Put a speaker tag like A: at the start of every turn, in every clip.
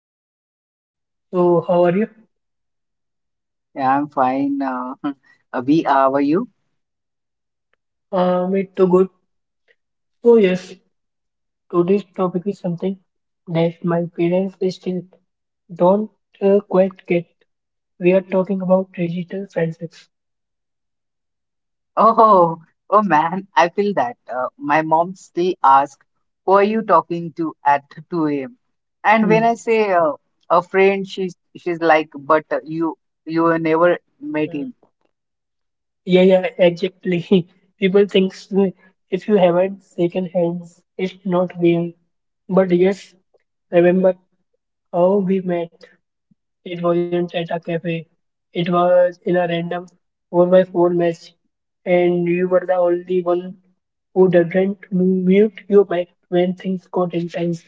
A: Yes. So, how are you?
B: Yeah, I'm fine. Abhi, how are you?
A: It's too good. So, yes, today's topic is something that my parents they still don't quite get. We are talking about digital friendships.
B: Oh, oh man, I feel that. My mom still asks, who are you talking to at 2 a.m.? And
A: Hmm.
B: when I say a friend, she's like, but you have never met
A: Mm,
B: him,
A: Yeah, yeah, exactly. People think so, if you haven't shaken hands, it's not real. But yes, remember how we met. It wasn't at a cafe. It was in a random 4 by 4 match, and you were the only one who didn't mute your mic when things got intense.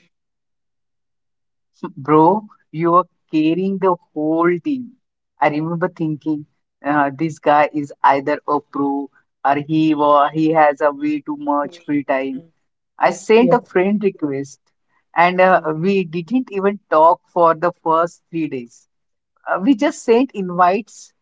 B: bro. You are carrying the whole team. I remember thinking, this guy is either a pro or he has a way too much free time. I sent
A: Yeah.
B: a friend request and
A: Mm.
B: we didn't even talk for the first 3 days. We just sent invites,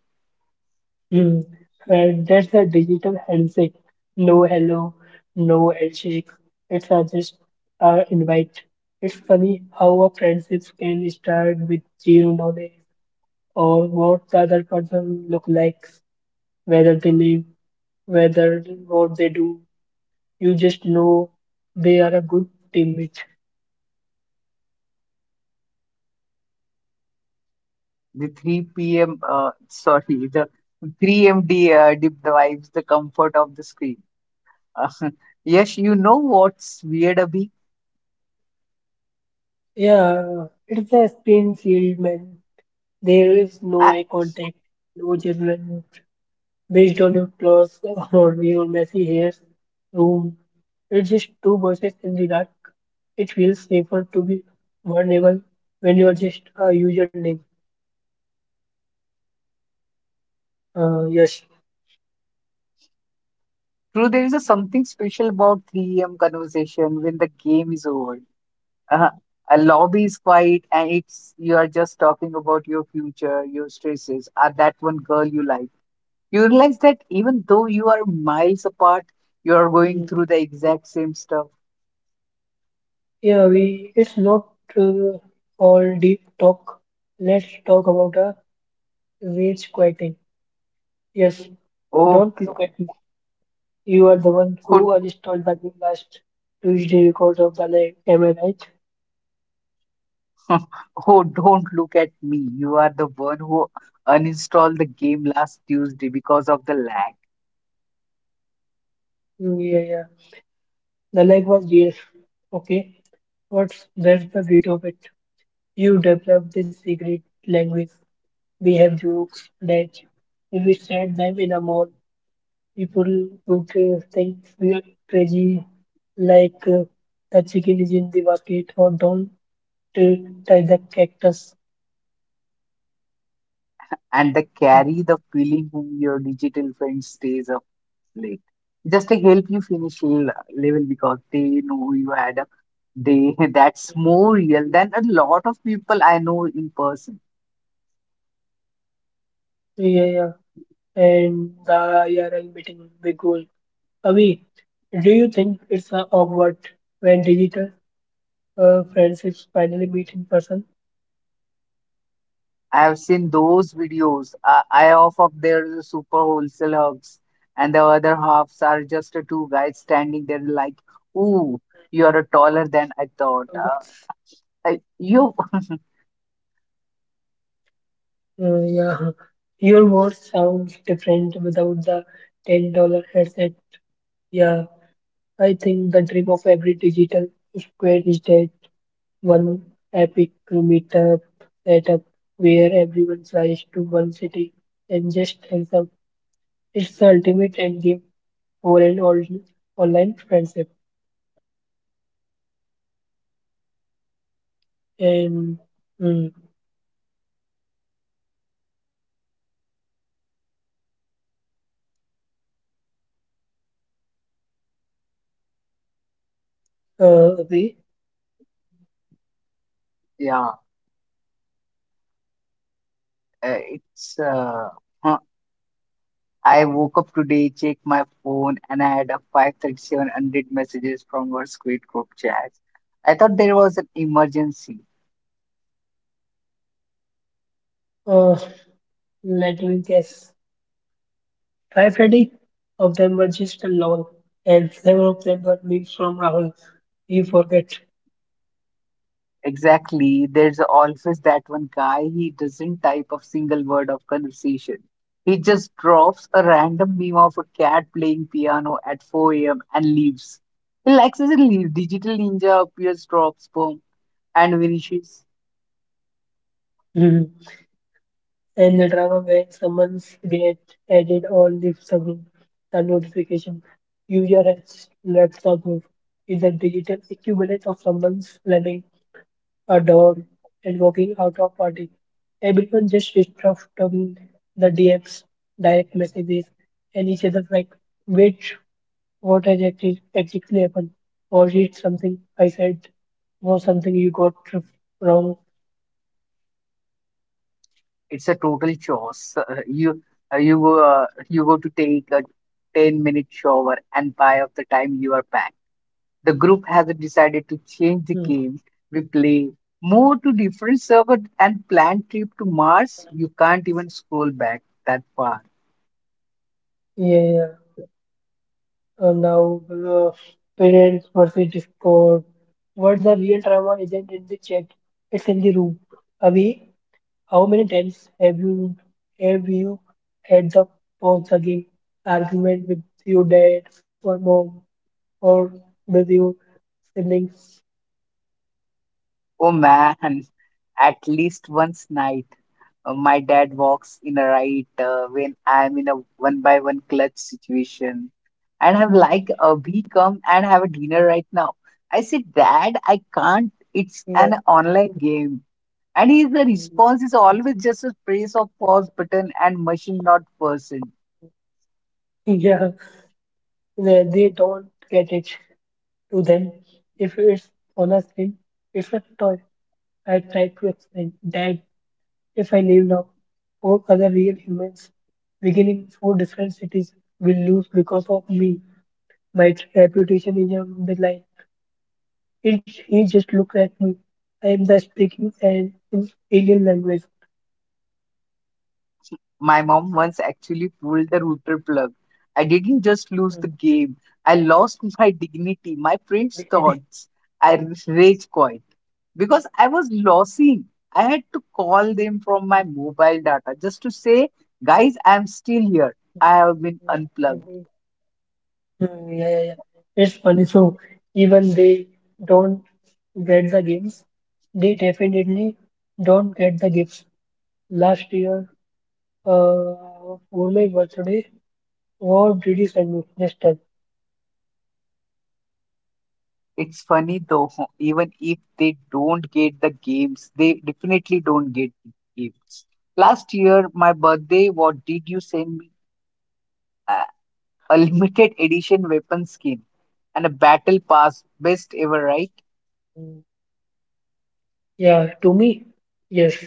A: Mm. And that's a digital handshake. No hello, no handshake. It's a just invite. It's funny how a friendship can start with zero knowledge or what the other person look like, whether they live, whether what they do. You just know they are a good teammate.
B: the 3 p.m., sorry, the 3MD deep the comfort of the screen. Uh, yes, you know what's weird, Abhi?
A: Yeah, it's a spin field, man. There is no
B: I,
A: eye contact, no judgment based on your clothes or your messy hair, room. It's just two voices in the dark. It feels safer to be vulnerable when you are just a username. Yes.
B: True, there is a something special about 3 a.m. conversation when the game is over. Uh, a lobby is quiet and it's you are just talking about your future, your stresses, or that one girl you like. You realize that even though you are miles apart, you are going
A: Mm.
B: through the exact same stuff.
A: Yeah, we. It's not uh, all deep talk. Let's talk about a rage quieting. Yes.
B: Oh,
A: Don't look at me. You are the one
B: oh,
A: who installed the game last Tuesday because of the lag. Am I right?
B: oh, don't look at me. You are the one who uninstalled the game last Tuesday because of the lag,
A: Yeah, yeah. The lag was real. Okay. What's that's the beauty of it? You developed this secret language. We have jokes that if we said them in a mall, people would think we are crazy, like the chicken is in the bucket or don't uh, touch the cactus.
B: and the carry the feeling whom your digital friend stays up late. Just to help you finish level because they know you had a day that's more real than a lot of people I know in person.
A: Yeah, yeah. And the IRL meeting, big goal. Avi, do you think it's awkward when digital friendships finally meet in person?
B: I have seen those videos. I half of their super wholesale hugs, and the other halves are just two guys standing there like, "Ooh, you are taller than I thought."
A: Uh,
B: I, you,
A: yeah, your voice sounds different without the $10 headset. Yeah, I think the dream of every digital square is that one epic meetup setup where everyone flies to one city and just hangs out. It's the ultimate end game for an all online friendship. And mm, Abhi,
B: yeah, it's. Huh. I woke up today, checked my phone, and I had a 537 unread messages from our Squid group chat. I thought there was an emergency.
A: Uh, let me guess. Five, Freddy? Of them were just a lol, and seven of them were memes from Rahul. You forget.
B: Exactly. There's always that one guy, he doesn't type a single word of conversation. He just drops a random meme of a cat playing piano at 4 a.m. and leaves. He likes his leave. Digital Ninja appears, drops bomb, and vanishes.
A: Mhm. And the drama where someone's get added or leaves the group. The notification. User has left the group is a digital equivalent of someone's running a door and walking out of party. Everyone just stuff talking the DMs, direct messages, and each other like, wait. Exactly happened? Was it something I said? Was something you got r- wrong?
B: It's a total chores. Uh, you you go to take a 10-minute shower and by of the time you are back, the group has decided to change the
A: Hmm.
B: game we play, move to different server and plan trip to Mars. You can't even scroll back that far.
A: Yeah, yeah. Now, parents versus Discord. What the real drama isn't in the chat, it's in the room. Abhi, how many times have you had the pause the game argument with your dad or mom or with your siblings?
B: Oh man, at least once night, my dad walks in a right when I'm in a one by one clutch situation. And I'm
A: Hmm.
B: like, we come and have a dinner right now. I said, Dad, I can't. It's
A: Yeah.
B: an online game. And his the response is always just a press of pause button and machine not person.
A: Yeah. They don't get it. To them, if it's on a screen, it's a toy. I tried to explain that if I leave now, four other real humans, beginning four different cities, will lose because of me. My reputation is on the line. It, he just looked at me. I am the speaking and in alien language.
B: My mom once actually pulled the router plug. I didn't just lose the game. I lost my dignity, my friends' thoughts. I rage quit because I was losing. I had to call them from my mobile data just to say, guys, I'm still here. I have been unplugged.
A: Yeah, yeah, yeah. It's funny. So even they don't get the games, they definitely don't get the gifts. Last year, for my birthday, what did you send me? Just tell.
B: It's funny though, even if they don't get the games, they definitely don't get gifts. Last year, my birthday, what did you send me? Uh, a limited edition weapon skin and a battle pass, best ever, right?
A: Yeah, to me, yes.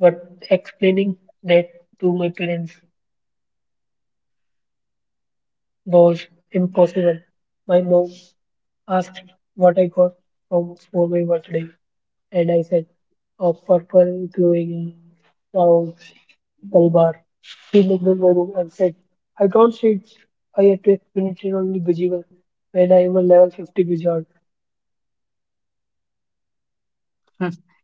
A: But explaining that to my parents was impossible. My mom asked what I got from for my birthday, and I said, of purple glowing clouds, Dalbar. He looked in my room and said, I don't see it. I had to experience it only Bijival when I am a level 50 wizard.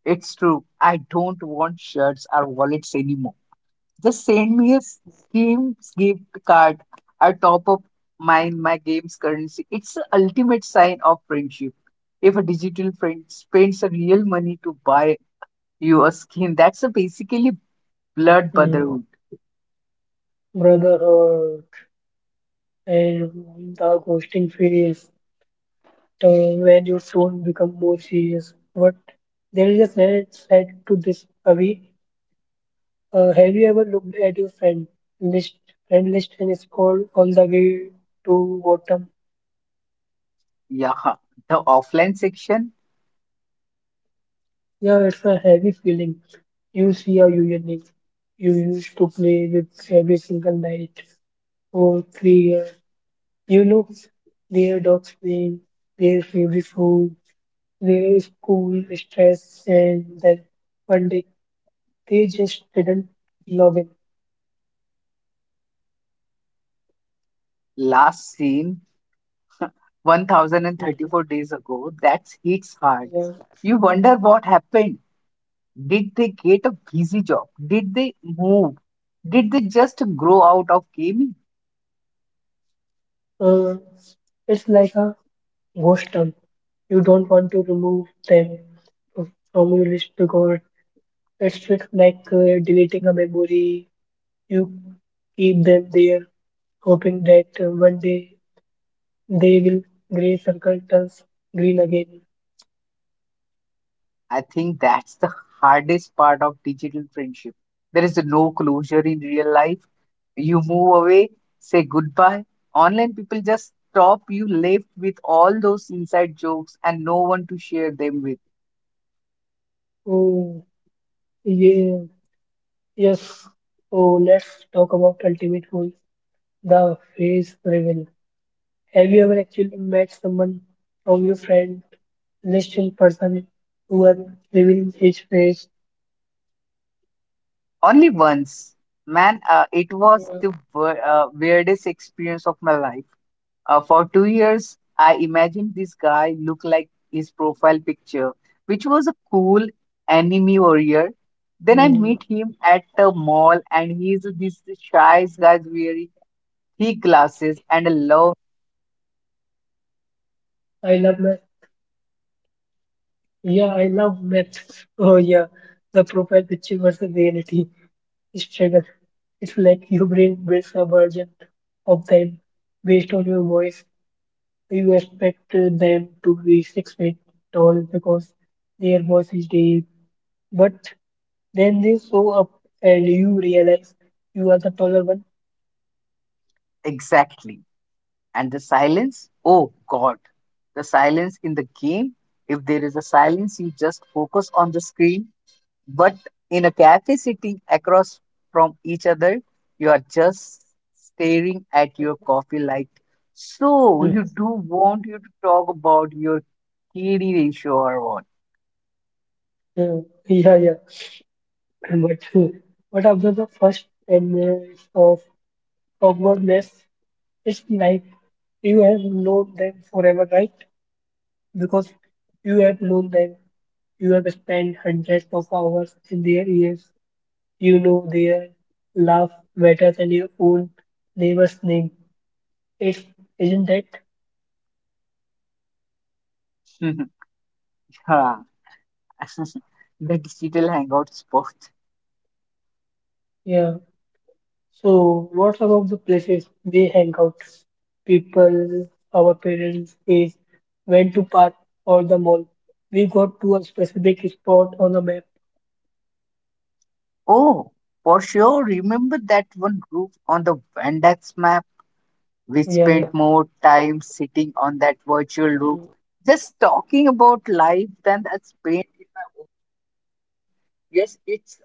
B: It's true. I don't want shirts or wallets anymore. Just send me a games gift card. I top up mine my game's currency. It's the ultimate sign of friendship if a digital friend spends a real money to buy your skin, that's a basically blood
A: Mm.
B: brotherhood.
A: Brotherhood and the ghosting phase, the, when you soon become more serious. But there is a sad side to this, Avi. Have you ever looked at your list, friend list and scrolled all the way to bottom?
B: Yeah. The offline section,
A: Yeah, it's a heavy feeling. You see how you unique. You used to play with every single night for 3 years. You know their dogs name, their favorite food, their school stress, and then one day they just didn't log in.
B: last seen 1034 days ago, that hits hard.
A: Yeah.
B: You wonder what happened. Did they get a busy job? Did they move? Did they just grow out of gaming?
A: Uh, it's like a ghost town. You don't want to remove them from your list because it's just like deleting a memory. You keep them there, hoping that one day they will gray circle turns green again.
B: I think that's the hardest part of digital friendship. There is no closure in real life. You move away, say goodbye. Online people just stop, you left with all those inside jokes and no one to share them with.
A: Oh, yeah, yes. Oh, let's talk about ultimate goal, the phase reveal. Have you ever actually met someone from your friend list in person who are revealing his face?
B: Only once. Man, it was the weirdest experience of my life. For 2 years, I imagined this guy looked like his profile picture, which was a cool anime warrior. Then I
A: Mm,
B: meet him at the mall, and he's this shy guy wearing thick glasses and a love.
A: I love math. Yeah, I love math. Oh yeah, the profile picture versus reality struggle. It's like your brain builds a version of them based on your voice. You expect them to be 6 feet tall because their voice is deep. But then they show up and you realize you are the taller one.
B: Exactly. And the silence, oh God, the silence in the game. If there is a silence, you just focus on the screen. But in a cafe sitting across from each other, you are just staring at your coffee like, so
A: Hmm.
B: you do want you to talk about your KD ratio or what?
A: Uh, yeah, yeah. But uh, but after the first 10 minutes of awkwardness, it's like you have known them forever, right? Because you have known them. You have spent hundreds of hours in their ears. You know their laugh better than your own neighbor's name. It's, isn't it?
B: Huh. The digital hangout spot.
A: Yeah. So, what about the places we hang out? People, our parents, age, went to park or the mall. We got to a specific spot on the map.
B: Oh, for sure. Remember that one group on the Venn Dex map? We
A: Yeah,
B: spent more time sitting on that virtual roof, just talking about life than I spent in my own. Yes, it's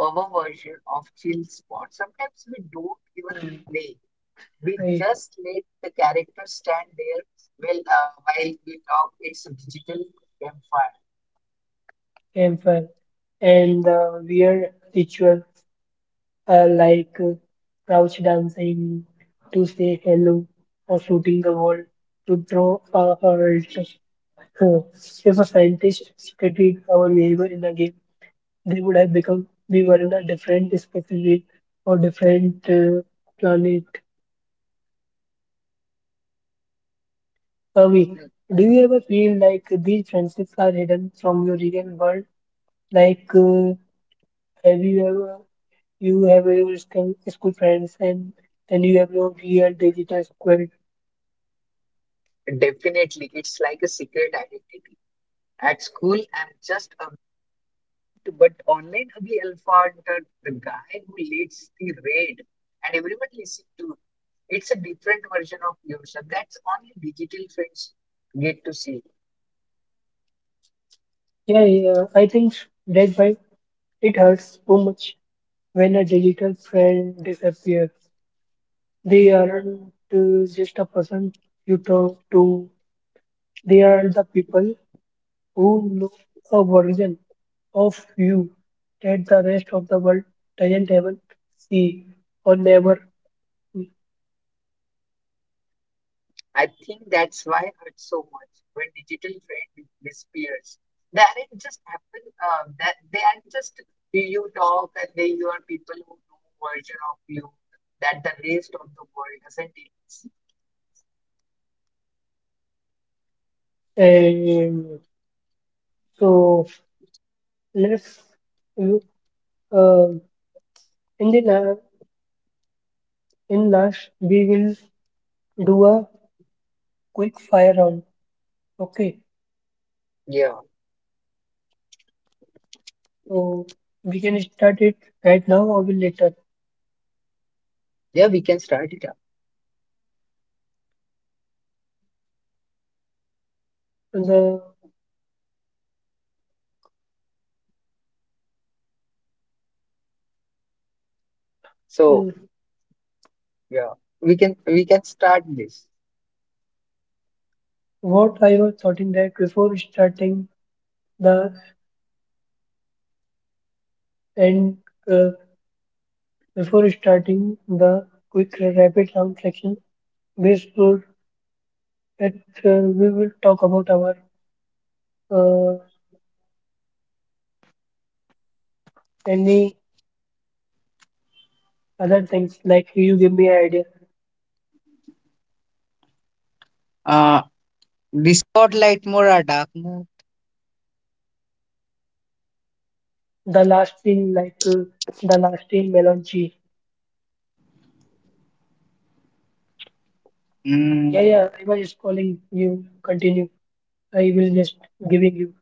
B: our version of chill spot. Sometimes we don't even play. We
A: yeah. I-
B: just let the character stand there well, while we talk. It's a digital campfire.
A: Campfire and the weird ritual, like crouch dancing to say hello or shooting the world to throw a hurt. Huh. If a scientist studied our behavior in a game, they would have become we were in a different species or different planet. Avi, do you ever feel like these friendships are hidden from your real world? Like, have you ever you have your school friends and then you have your real digital squad?
B: Hmm. Definitely, it's like a secret identity. At school, I'm just a bit, but online, Abhi Alpha, the guy who leads the raid, and everyone listen to. It's a different version of yourself. That's only digital friends get to see.
A: Yeah, yeah. I think that's why it hurts so much when a digital friend disappears. They aren't just a person you talk to. They are the people who know a version of you that the rest of the world doesn't even see or never.
B: I think that's why it hurts so much when digital trend disappears. They aren't just happen. That they aren't just you talk and they you are people who know version of you that the rest of the world doesn't even see.
A: And so let's uh, in the la in last we will do a quick fire round. Okay.
B: Yeah,
A: So we can start it right now or will later.
B: yeah, we can start it up.
A: So,
B: So
A: the
B: yeah, we can start this.
A: what I was thinking that before starting the and uh, before starting the quick rapid round section, we should that we will talk about our uh, any other things like you give me an idea.
B: Uh, this got light mode or dark mode?
A: The last thing like the last thing melon cheese. Yeah,
B: Mm.
A: yeah. I was just calling you. Continue. I will just giving you.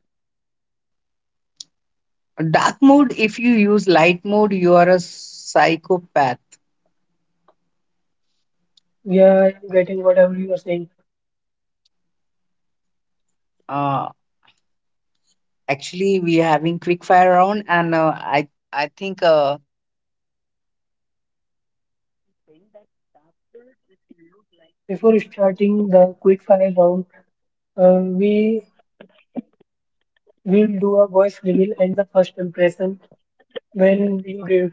B: Dark mode, if you use light mode, you are a psychopath.
A: Yeah, I'm getting whatever you are saying.
B: Actually, we are having quick fire round, and I think
A: Before starting the quickfire round, we will do a voice reveal and the first impression when we did.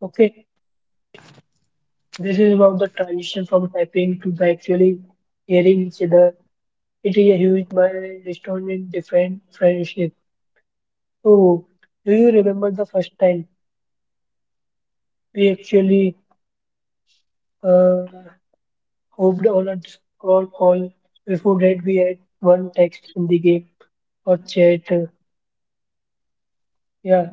A: Okay, this is about the transition from typing to the actually hearing each other. It is a huge milestone in different friendship. So, do you remember the first time we actually uh, hopped on a Discord call? Before that, we had one text in the game or chat. Yeah.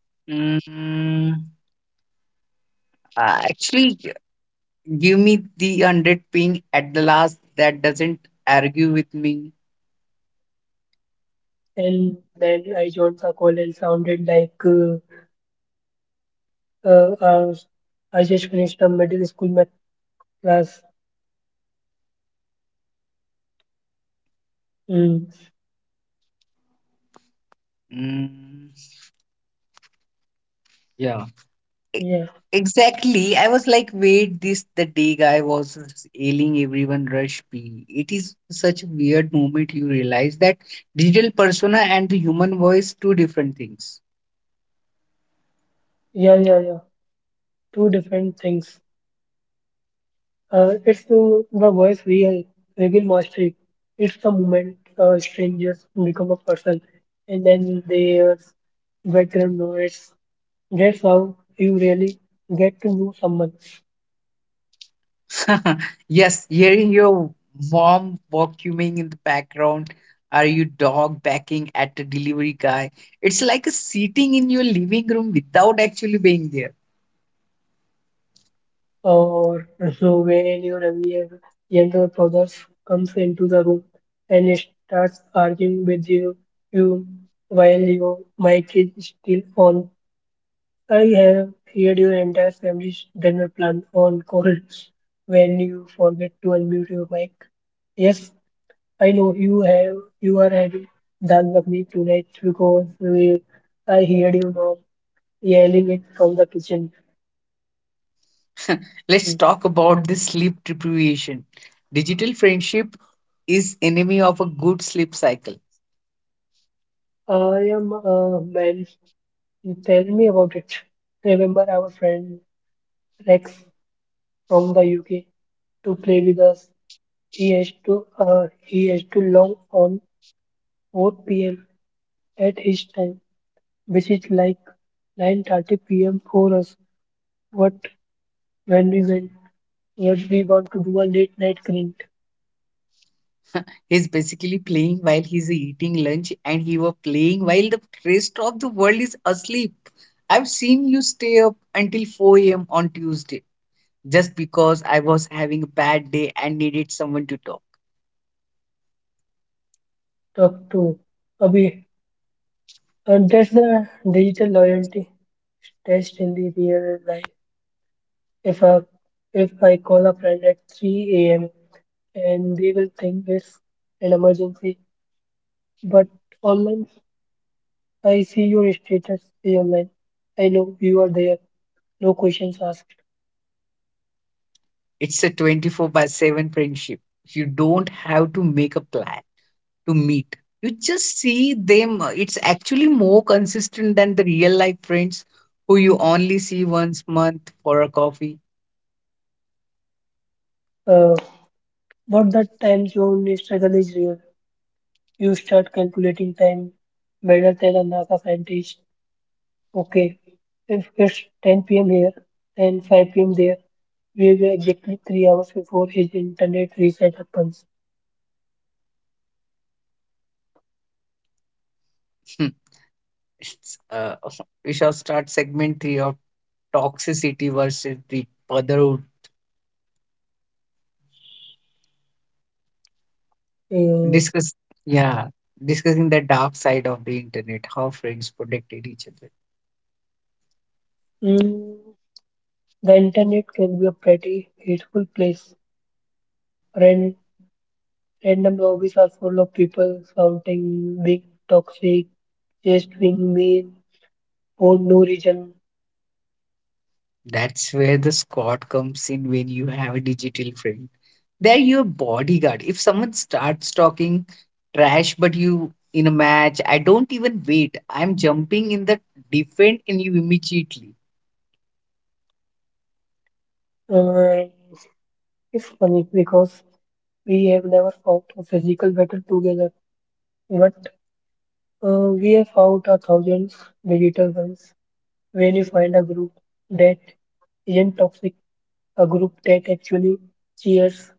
B: mm, actually give me the hundred ping at the last that doesn't argue with me.
A: And then I joined the call and sounded like uh, uh, I just finished a middle school math class. Mm,
B: Mm, yeah. e-
A: yeah,
B: exactly. I was like, wait, this the day guy was ailing everyone rush P. It is such a weird moment you realize that digital persona and the human voice two different things.
A: yeah. Two different things. The voice real, real mastery. It's the moment strangers become a person, and then there's background noise. That's how you really get to know someone.
B: Yes, hearing your mom vacuuming in the background or your dog barking at the delivery guy, it's like a sitting in your living room without actually being there.
A: Or so when your younger brother comes into the room and starts arguing with you, you while your mic is still on. I have heard your entire family's dinner plan on call when you forget to unmute your mic. Yes, I know you are having dal makhni tonight because we, I heard you mom yelling it from the kitchen.
B: Let's
A: Hmm.
B: talk about the sleep deprivation. Digital friendship is enemy of a good sleep cycle.
A: I am a man. Tell me about it. Remember our friend Rex from the UK to play with us. He has to log on 4 p.m. at his time, which is like 9:30 p.m. for us. What when we went, what we want to do a late night clean
B: He's basically playing while he's eating lunch and he were playing while the rest of the world is asleep. I've seen you stay up until 4 a.m. on Tuesday just because I was having a bad day and needed someone to talk.
A: talk to Abhi. And that's the digital loyalty test in the real life. If I if I call a friend at 3 a.m. and they will think it's an emergency. But online, I see your status say online. I know you are there, no questions asked.
B: It's a 24 by 7 friendship. You don't have to make a plan to meet. You just see them. It's actually more consistent than the real life friends who you only see once month for a coffee.
A: Uh, but that time zone struggle is real. You start calculating time better than a NASA scientist. Okay, if it's 10 p.m. here, then 5 p.m. there, we were exactly 3 hours before his internet reset happens.
B: It's, we shall start segment three of toxicity versus the brotherhood.
A: Uh,
B: Discuss, yeah, discussing the dark side of the internet, how friends protected each other.
A: mm, the internet can be a pretty hateful place. Random lobbies are full of people shouting, being toxic, just being mean for no reason.
B: That's where the squad comes in when you have a digital friend. They're your bodyguard. If someone starts talking trash, but you in a match, I don't even wait. I'm jumping in the defend and you immediately.
A: Uh, it's funny because we have never fought a physical battle together, but we have fought a thousands digital ones. When you find a group that isn't toxic, a group that actually cheers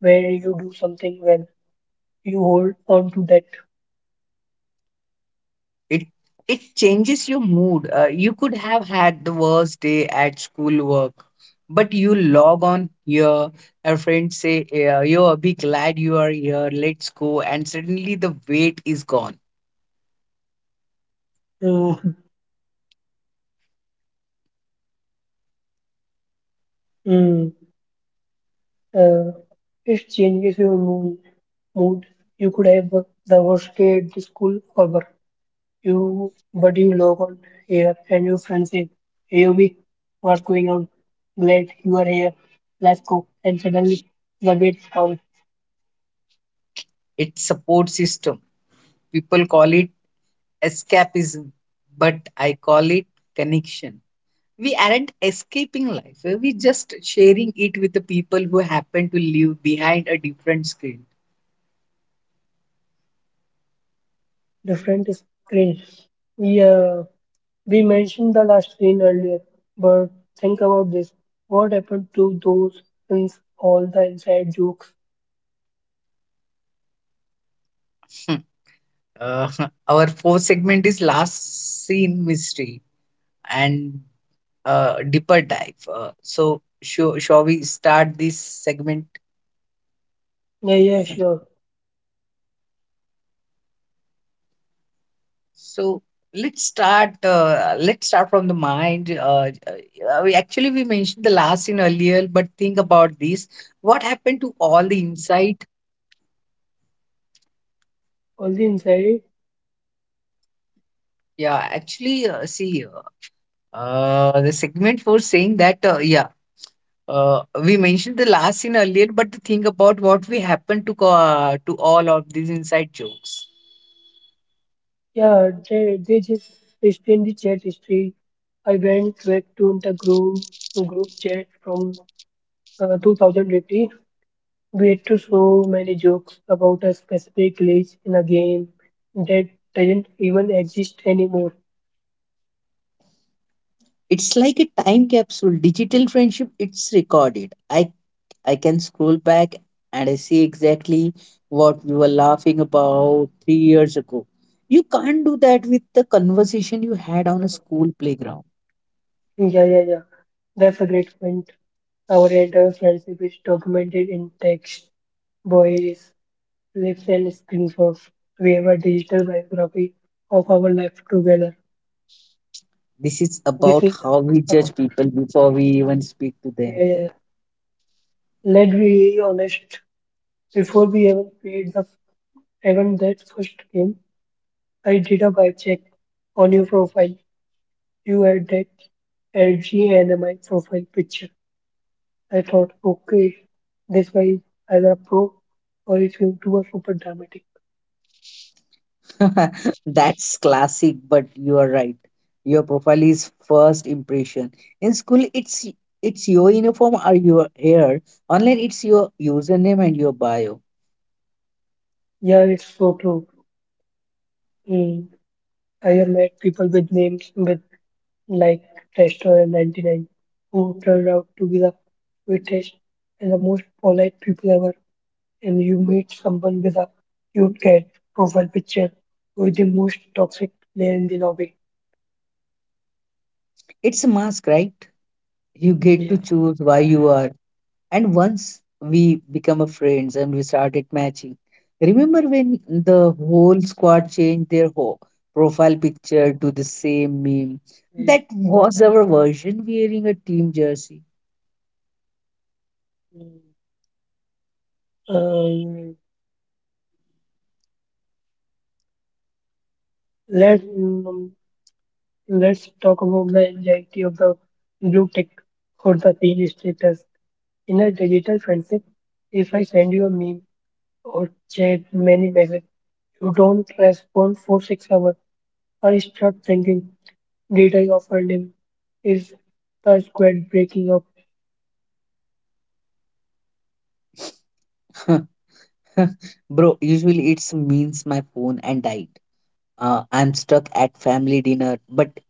A: where you do something well, you hold on to that.
B: It it changes your mood. You could have had the worst day at school work, but you log on here. A friend say, "Yo, be glad you are here. Let's go." And suddenly the weight is gone.
A: Mm, mm. Uh, it changes your mood. Mood. You could have the worst day at the school or work. But you log on here and your friend says, "Hey, Obi, what's going on? Glad you are here. Let's go." And suddenly, the gate is down.
B: It's support system, people call it escapism, but I call it connection. We aren't escaping life, we're just sharing it with the people who happen to live behind a different screen.
A: Different screen. Yeah, we mentioned the last screen earlier, but think about this. What happened to those and all the inside jokes?
B: Hmm. Uh, our fourth segment is last scene mystery and deeper dive. So, shall we start this segment?
A: Yeah, yeah, sure.
B: So let's start. Let's start from the mind. We actually we mentioned the last in earlier, but think about this. What happened to all the insight?
A: All the inside.
B: Yeah, actually, see, the segment for saying that. Yeah, we mentioned the last in earlier, but the thing about what we happened to to all of these inside jokes.
A: Yeah, they just paste in the chat history. I went back to the group chat from 2020. We had to so many jokes about a specific glitch in a game that doesn't even exist anymore.
B: It's like a time capsule. Digital friendship. It's recorded. I can scroll back and I see exactly what we were laughing about 3 years ago. You can't do that with the conversation you
A: Uh,
B: had on a school playground.
A: yeah, yeah, yeah. That's a great point. Our entire friendship is documented in text, voice, lips, and screenshots. We have a digital biography of our life together.
B: This is
A: This
B: about
A: is,
B: how we
A: uh,
B: judge people before we even speak to
A: yeah,
B: them.
A: yeah, yeah. Let's be honest, before we even played the even that first game, I did a vibe check on your profile. You had that LG NMI profile picture. I thought, okay, this guy is either a pro or he's going to be super dramatic.
B: That's classic, but you are right. Your profile is first impression. In school, it's your uniform or your hair. Online, it's your username and your bio.
A: Yeah, it's so true. Mm. I have met people with names with like Tester and 99 who turned out to be the sweetest and the most polite people ever, and you meet someone with a cute cat profile picture who is the most toxic player in the lobby.
B: It's a mask, right? You get to
A: Yeah.
B: choose why you are. And once we become a friends and we started matching. Remember when the whole squad changed their whole profile picture to the same meme?
A: Mm,
B: That was our version wearing a team jersey.
A: mm. Um, let's mm, let's talk about the anxiety of the blue tick for the pin status in a digital friendship. If I send you a meme or chat many messages, you don't respond for 6 hours. I start thinking, did I offend him? Is the squad breaking up?
B: Bro, usually it's means my phone and died. I'm stuck at family dinner, but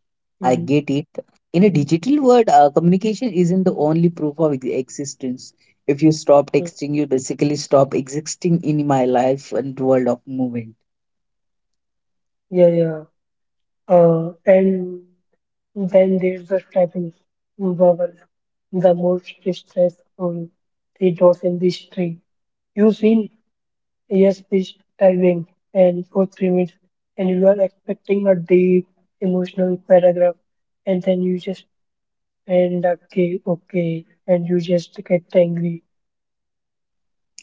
B: I
A: Mm,
B: get it. In a digital world, communication isn't the only proof of existence. If you stop
A: mm.
B: texting, you basically stop existing in my life and world of movement.
A: Yeah, yeah. And then there's the typing vowel, the most stressful three dots in this tree. You have seen yes, this typing and for 3 minutes, and you are expecting a deep emotional paragraph, and then you just end up, okay, okay, and you just get angry.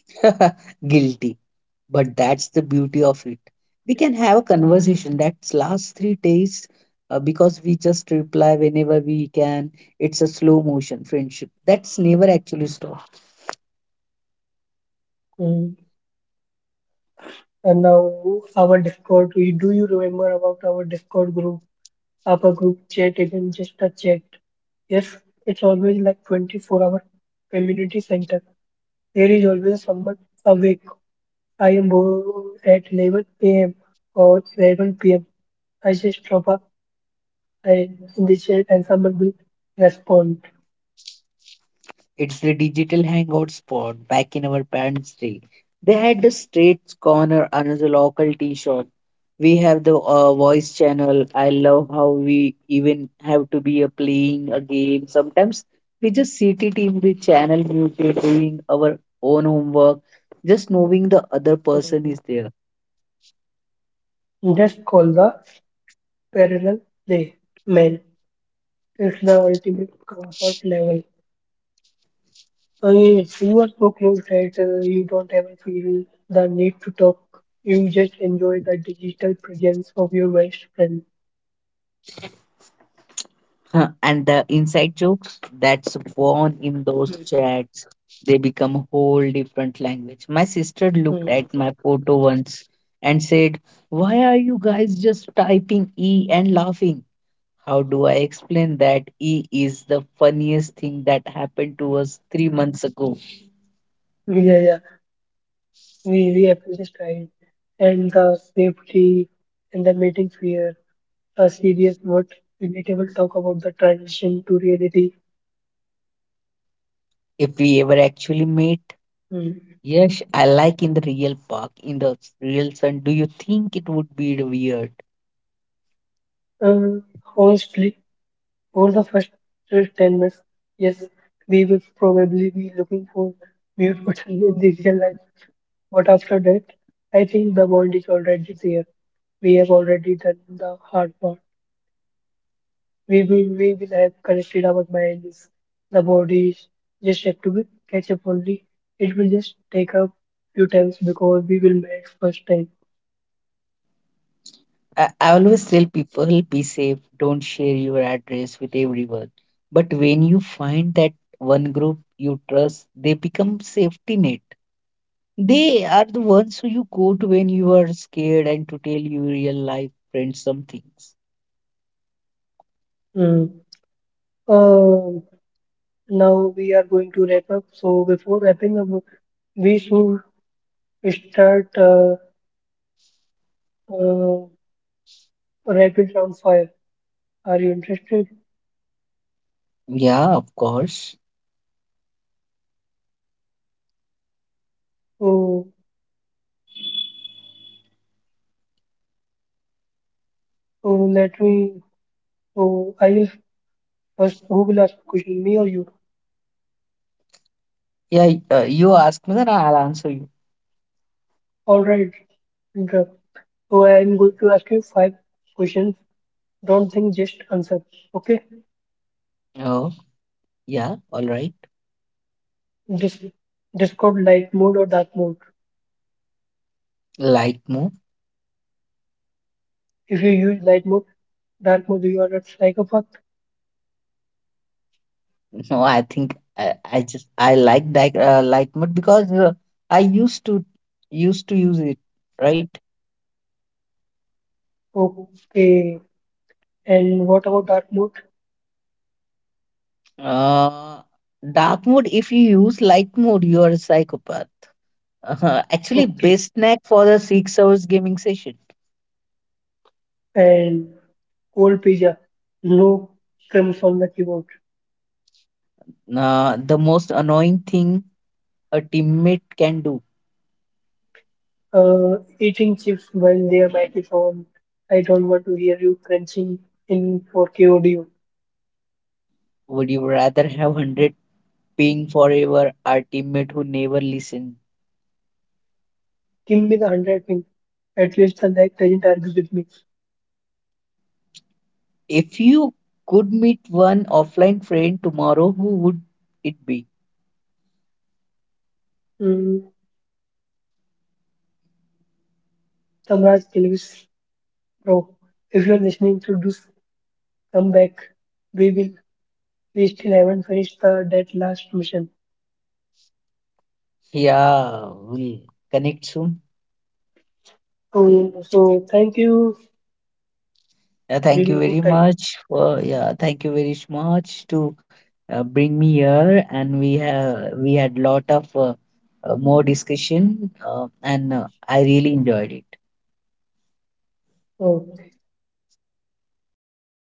B: Guilty. But that's the beauty of it. We can have a conversation that lasts 3 days because we just reply whenever we can. It's a slow motion friendship. That's never actually stopped.
A: Mm. And now our Discord, do you remember about our Discord group? Our group chat isn't just a chat. Yes, it's always like 24-hour community center. There is always someone awake. I am bored at 11 a.m. or 11 p.m. I just drop a line in the chat and someone will respond.
B: It's the digital hangout spot back in our parents' day. They had the street corner, another local tea shop. We have the voice channel. I love how we even have to be playing a game. Sometimes we just sit it in the channel muted, doing our own homework, just knowing the other person
A: Mm.
B: is there.
A: Just call the parallel play man. It's the ultimate comfort level. Yes, you are so close that you don't ever feel the need to talk. You just enjoy the digital presence of your best friend.
B: Huh, and the inside jokes that's born in those chats, they become a whole different language. My sister looked at my photo once and said, why are you guys just typing e and laughing? How do I explain that e is the funniest thing that happened to us 3 months ago?
A: Yeah, yeah. We appreciate time and the safety and the meeting fear. A serious but relatable talk about the transition to reality.
B: If we ever actually met,
A: Hmm.
B: yes, I like in the real park in the real sun, do you think it would be weird?
A: Um, Honestly, over the first 10 minutes, yes, we will probably be looking for mute button in the real life. But after that, I think the bond is already there. We have already done the hard part. We will have corrected our minds. The bodies just have to be catch up only. It will just take a few times because we will meet first time.
B: I always tell people be safe, don't share your address with everyone. But when you find that one group you trust, they become safety net. They are the ones who you go to when you are scared and to tell your real life friends some things.
A: Hmm. Um, now we are going to wrap up. So before wrapping up, we should start uh, rapid round fire. Are you interested?
B: Yeah, of course.
A: So, so let me. So I will first. Who will ask the question? Me or you?
B: Yeah, you ask me, then I'll answer you.
A: All right. Indra. So I am going to ask you five questions. Don't think, just answer. Okay?
B: Oh, yeah, all right.
A: Dis Discord light mode or dark mode?
B: Light mode?
A: If you use light mode, dark mode, you are a psychopath.
B: No, I think I like that light mode because I used to use it, right?
A: Okay. And what about dark mode?
B: Uh, dark mode, if you use light mode, you are a psychopath. Actually,
A: Okay.
B: best snack for the 6 hours gaming session.
A: And cold pizza. No crumbs on the keyboard.
B: The most annoying thing a teammate can do.
A: Eating chips while their mic is on. I don't want to hear you crunching in 4K audio.
B: Would you rather have 100 ping forever, our teammate who never listens?
A: Give me the 100 ping. At least the like doesn't argue with me.
B: If you could meet one offline friend tomorrow, who would it be?
A: Mm, Samraj Kilvis, bro. If you're listening to this, come back. We will. We still haven't finished that last mission.
B: Yeah, we'll connect soon.
A: So thank you.
B: Yeah,
A: We will go. Thank you.
B: thank you very much to bring me here, and we had lot of more discussion, and I really enjoyed it.
A: Oh.
B: Thank you.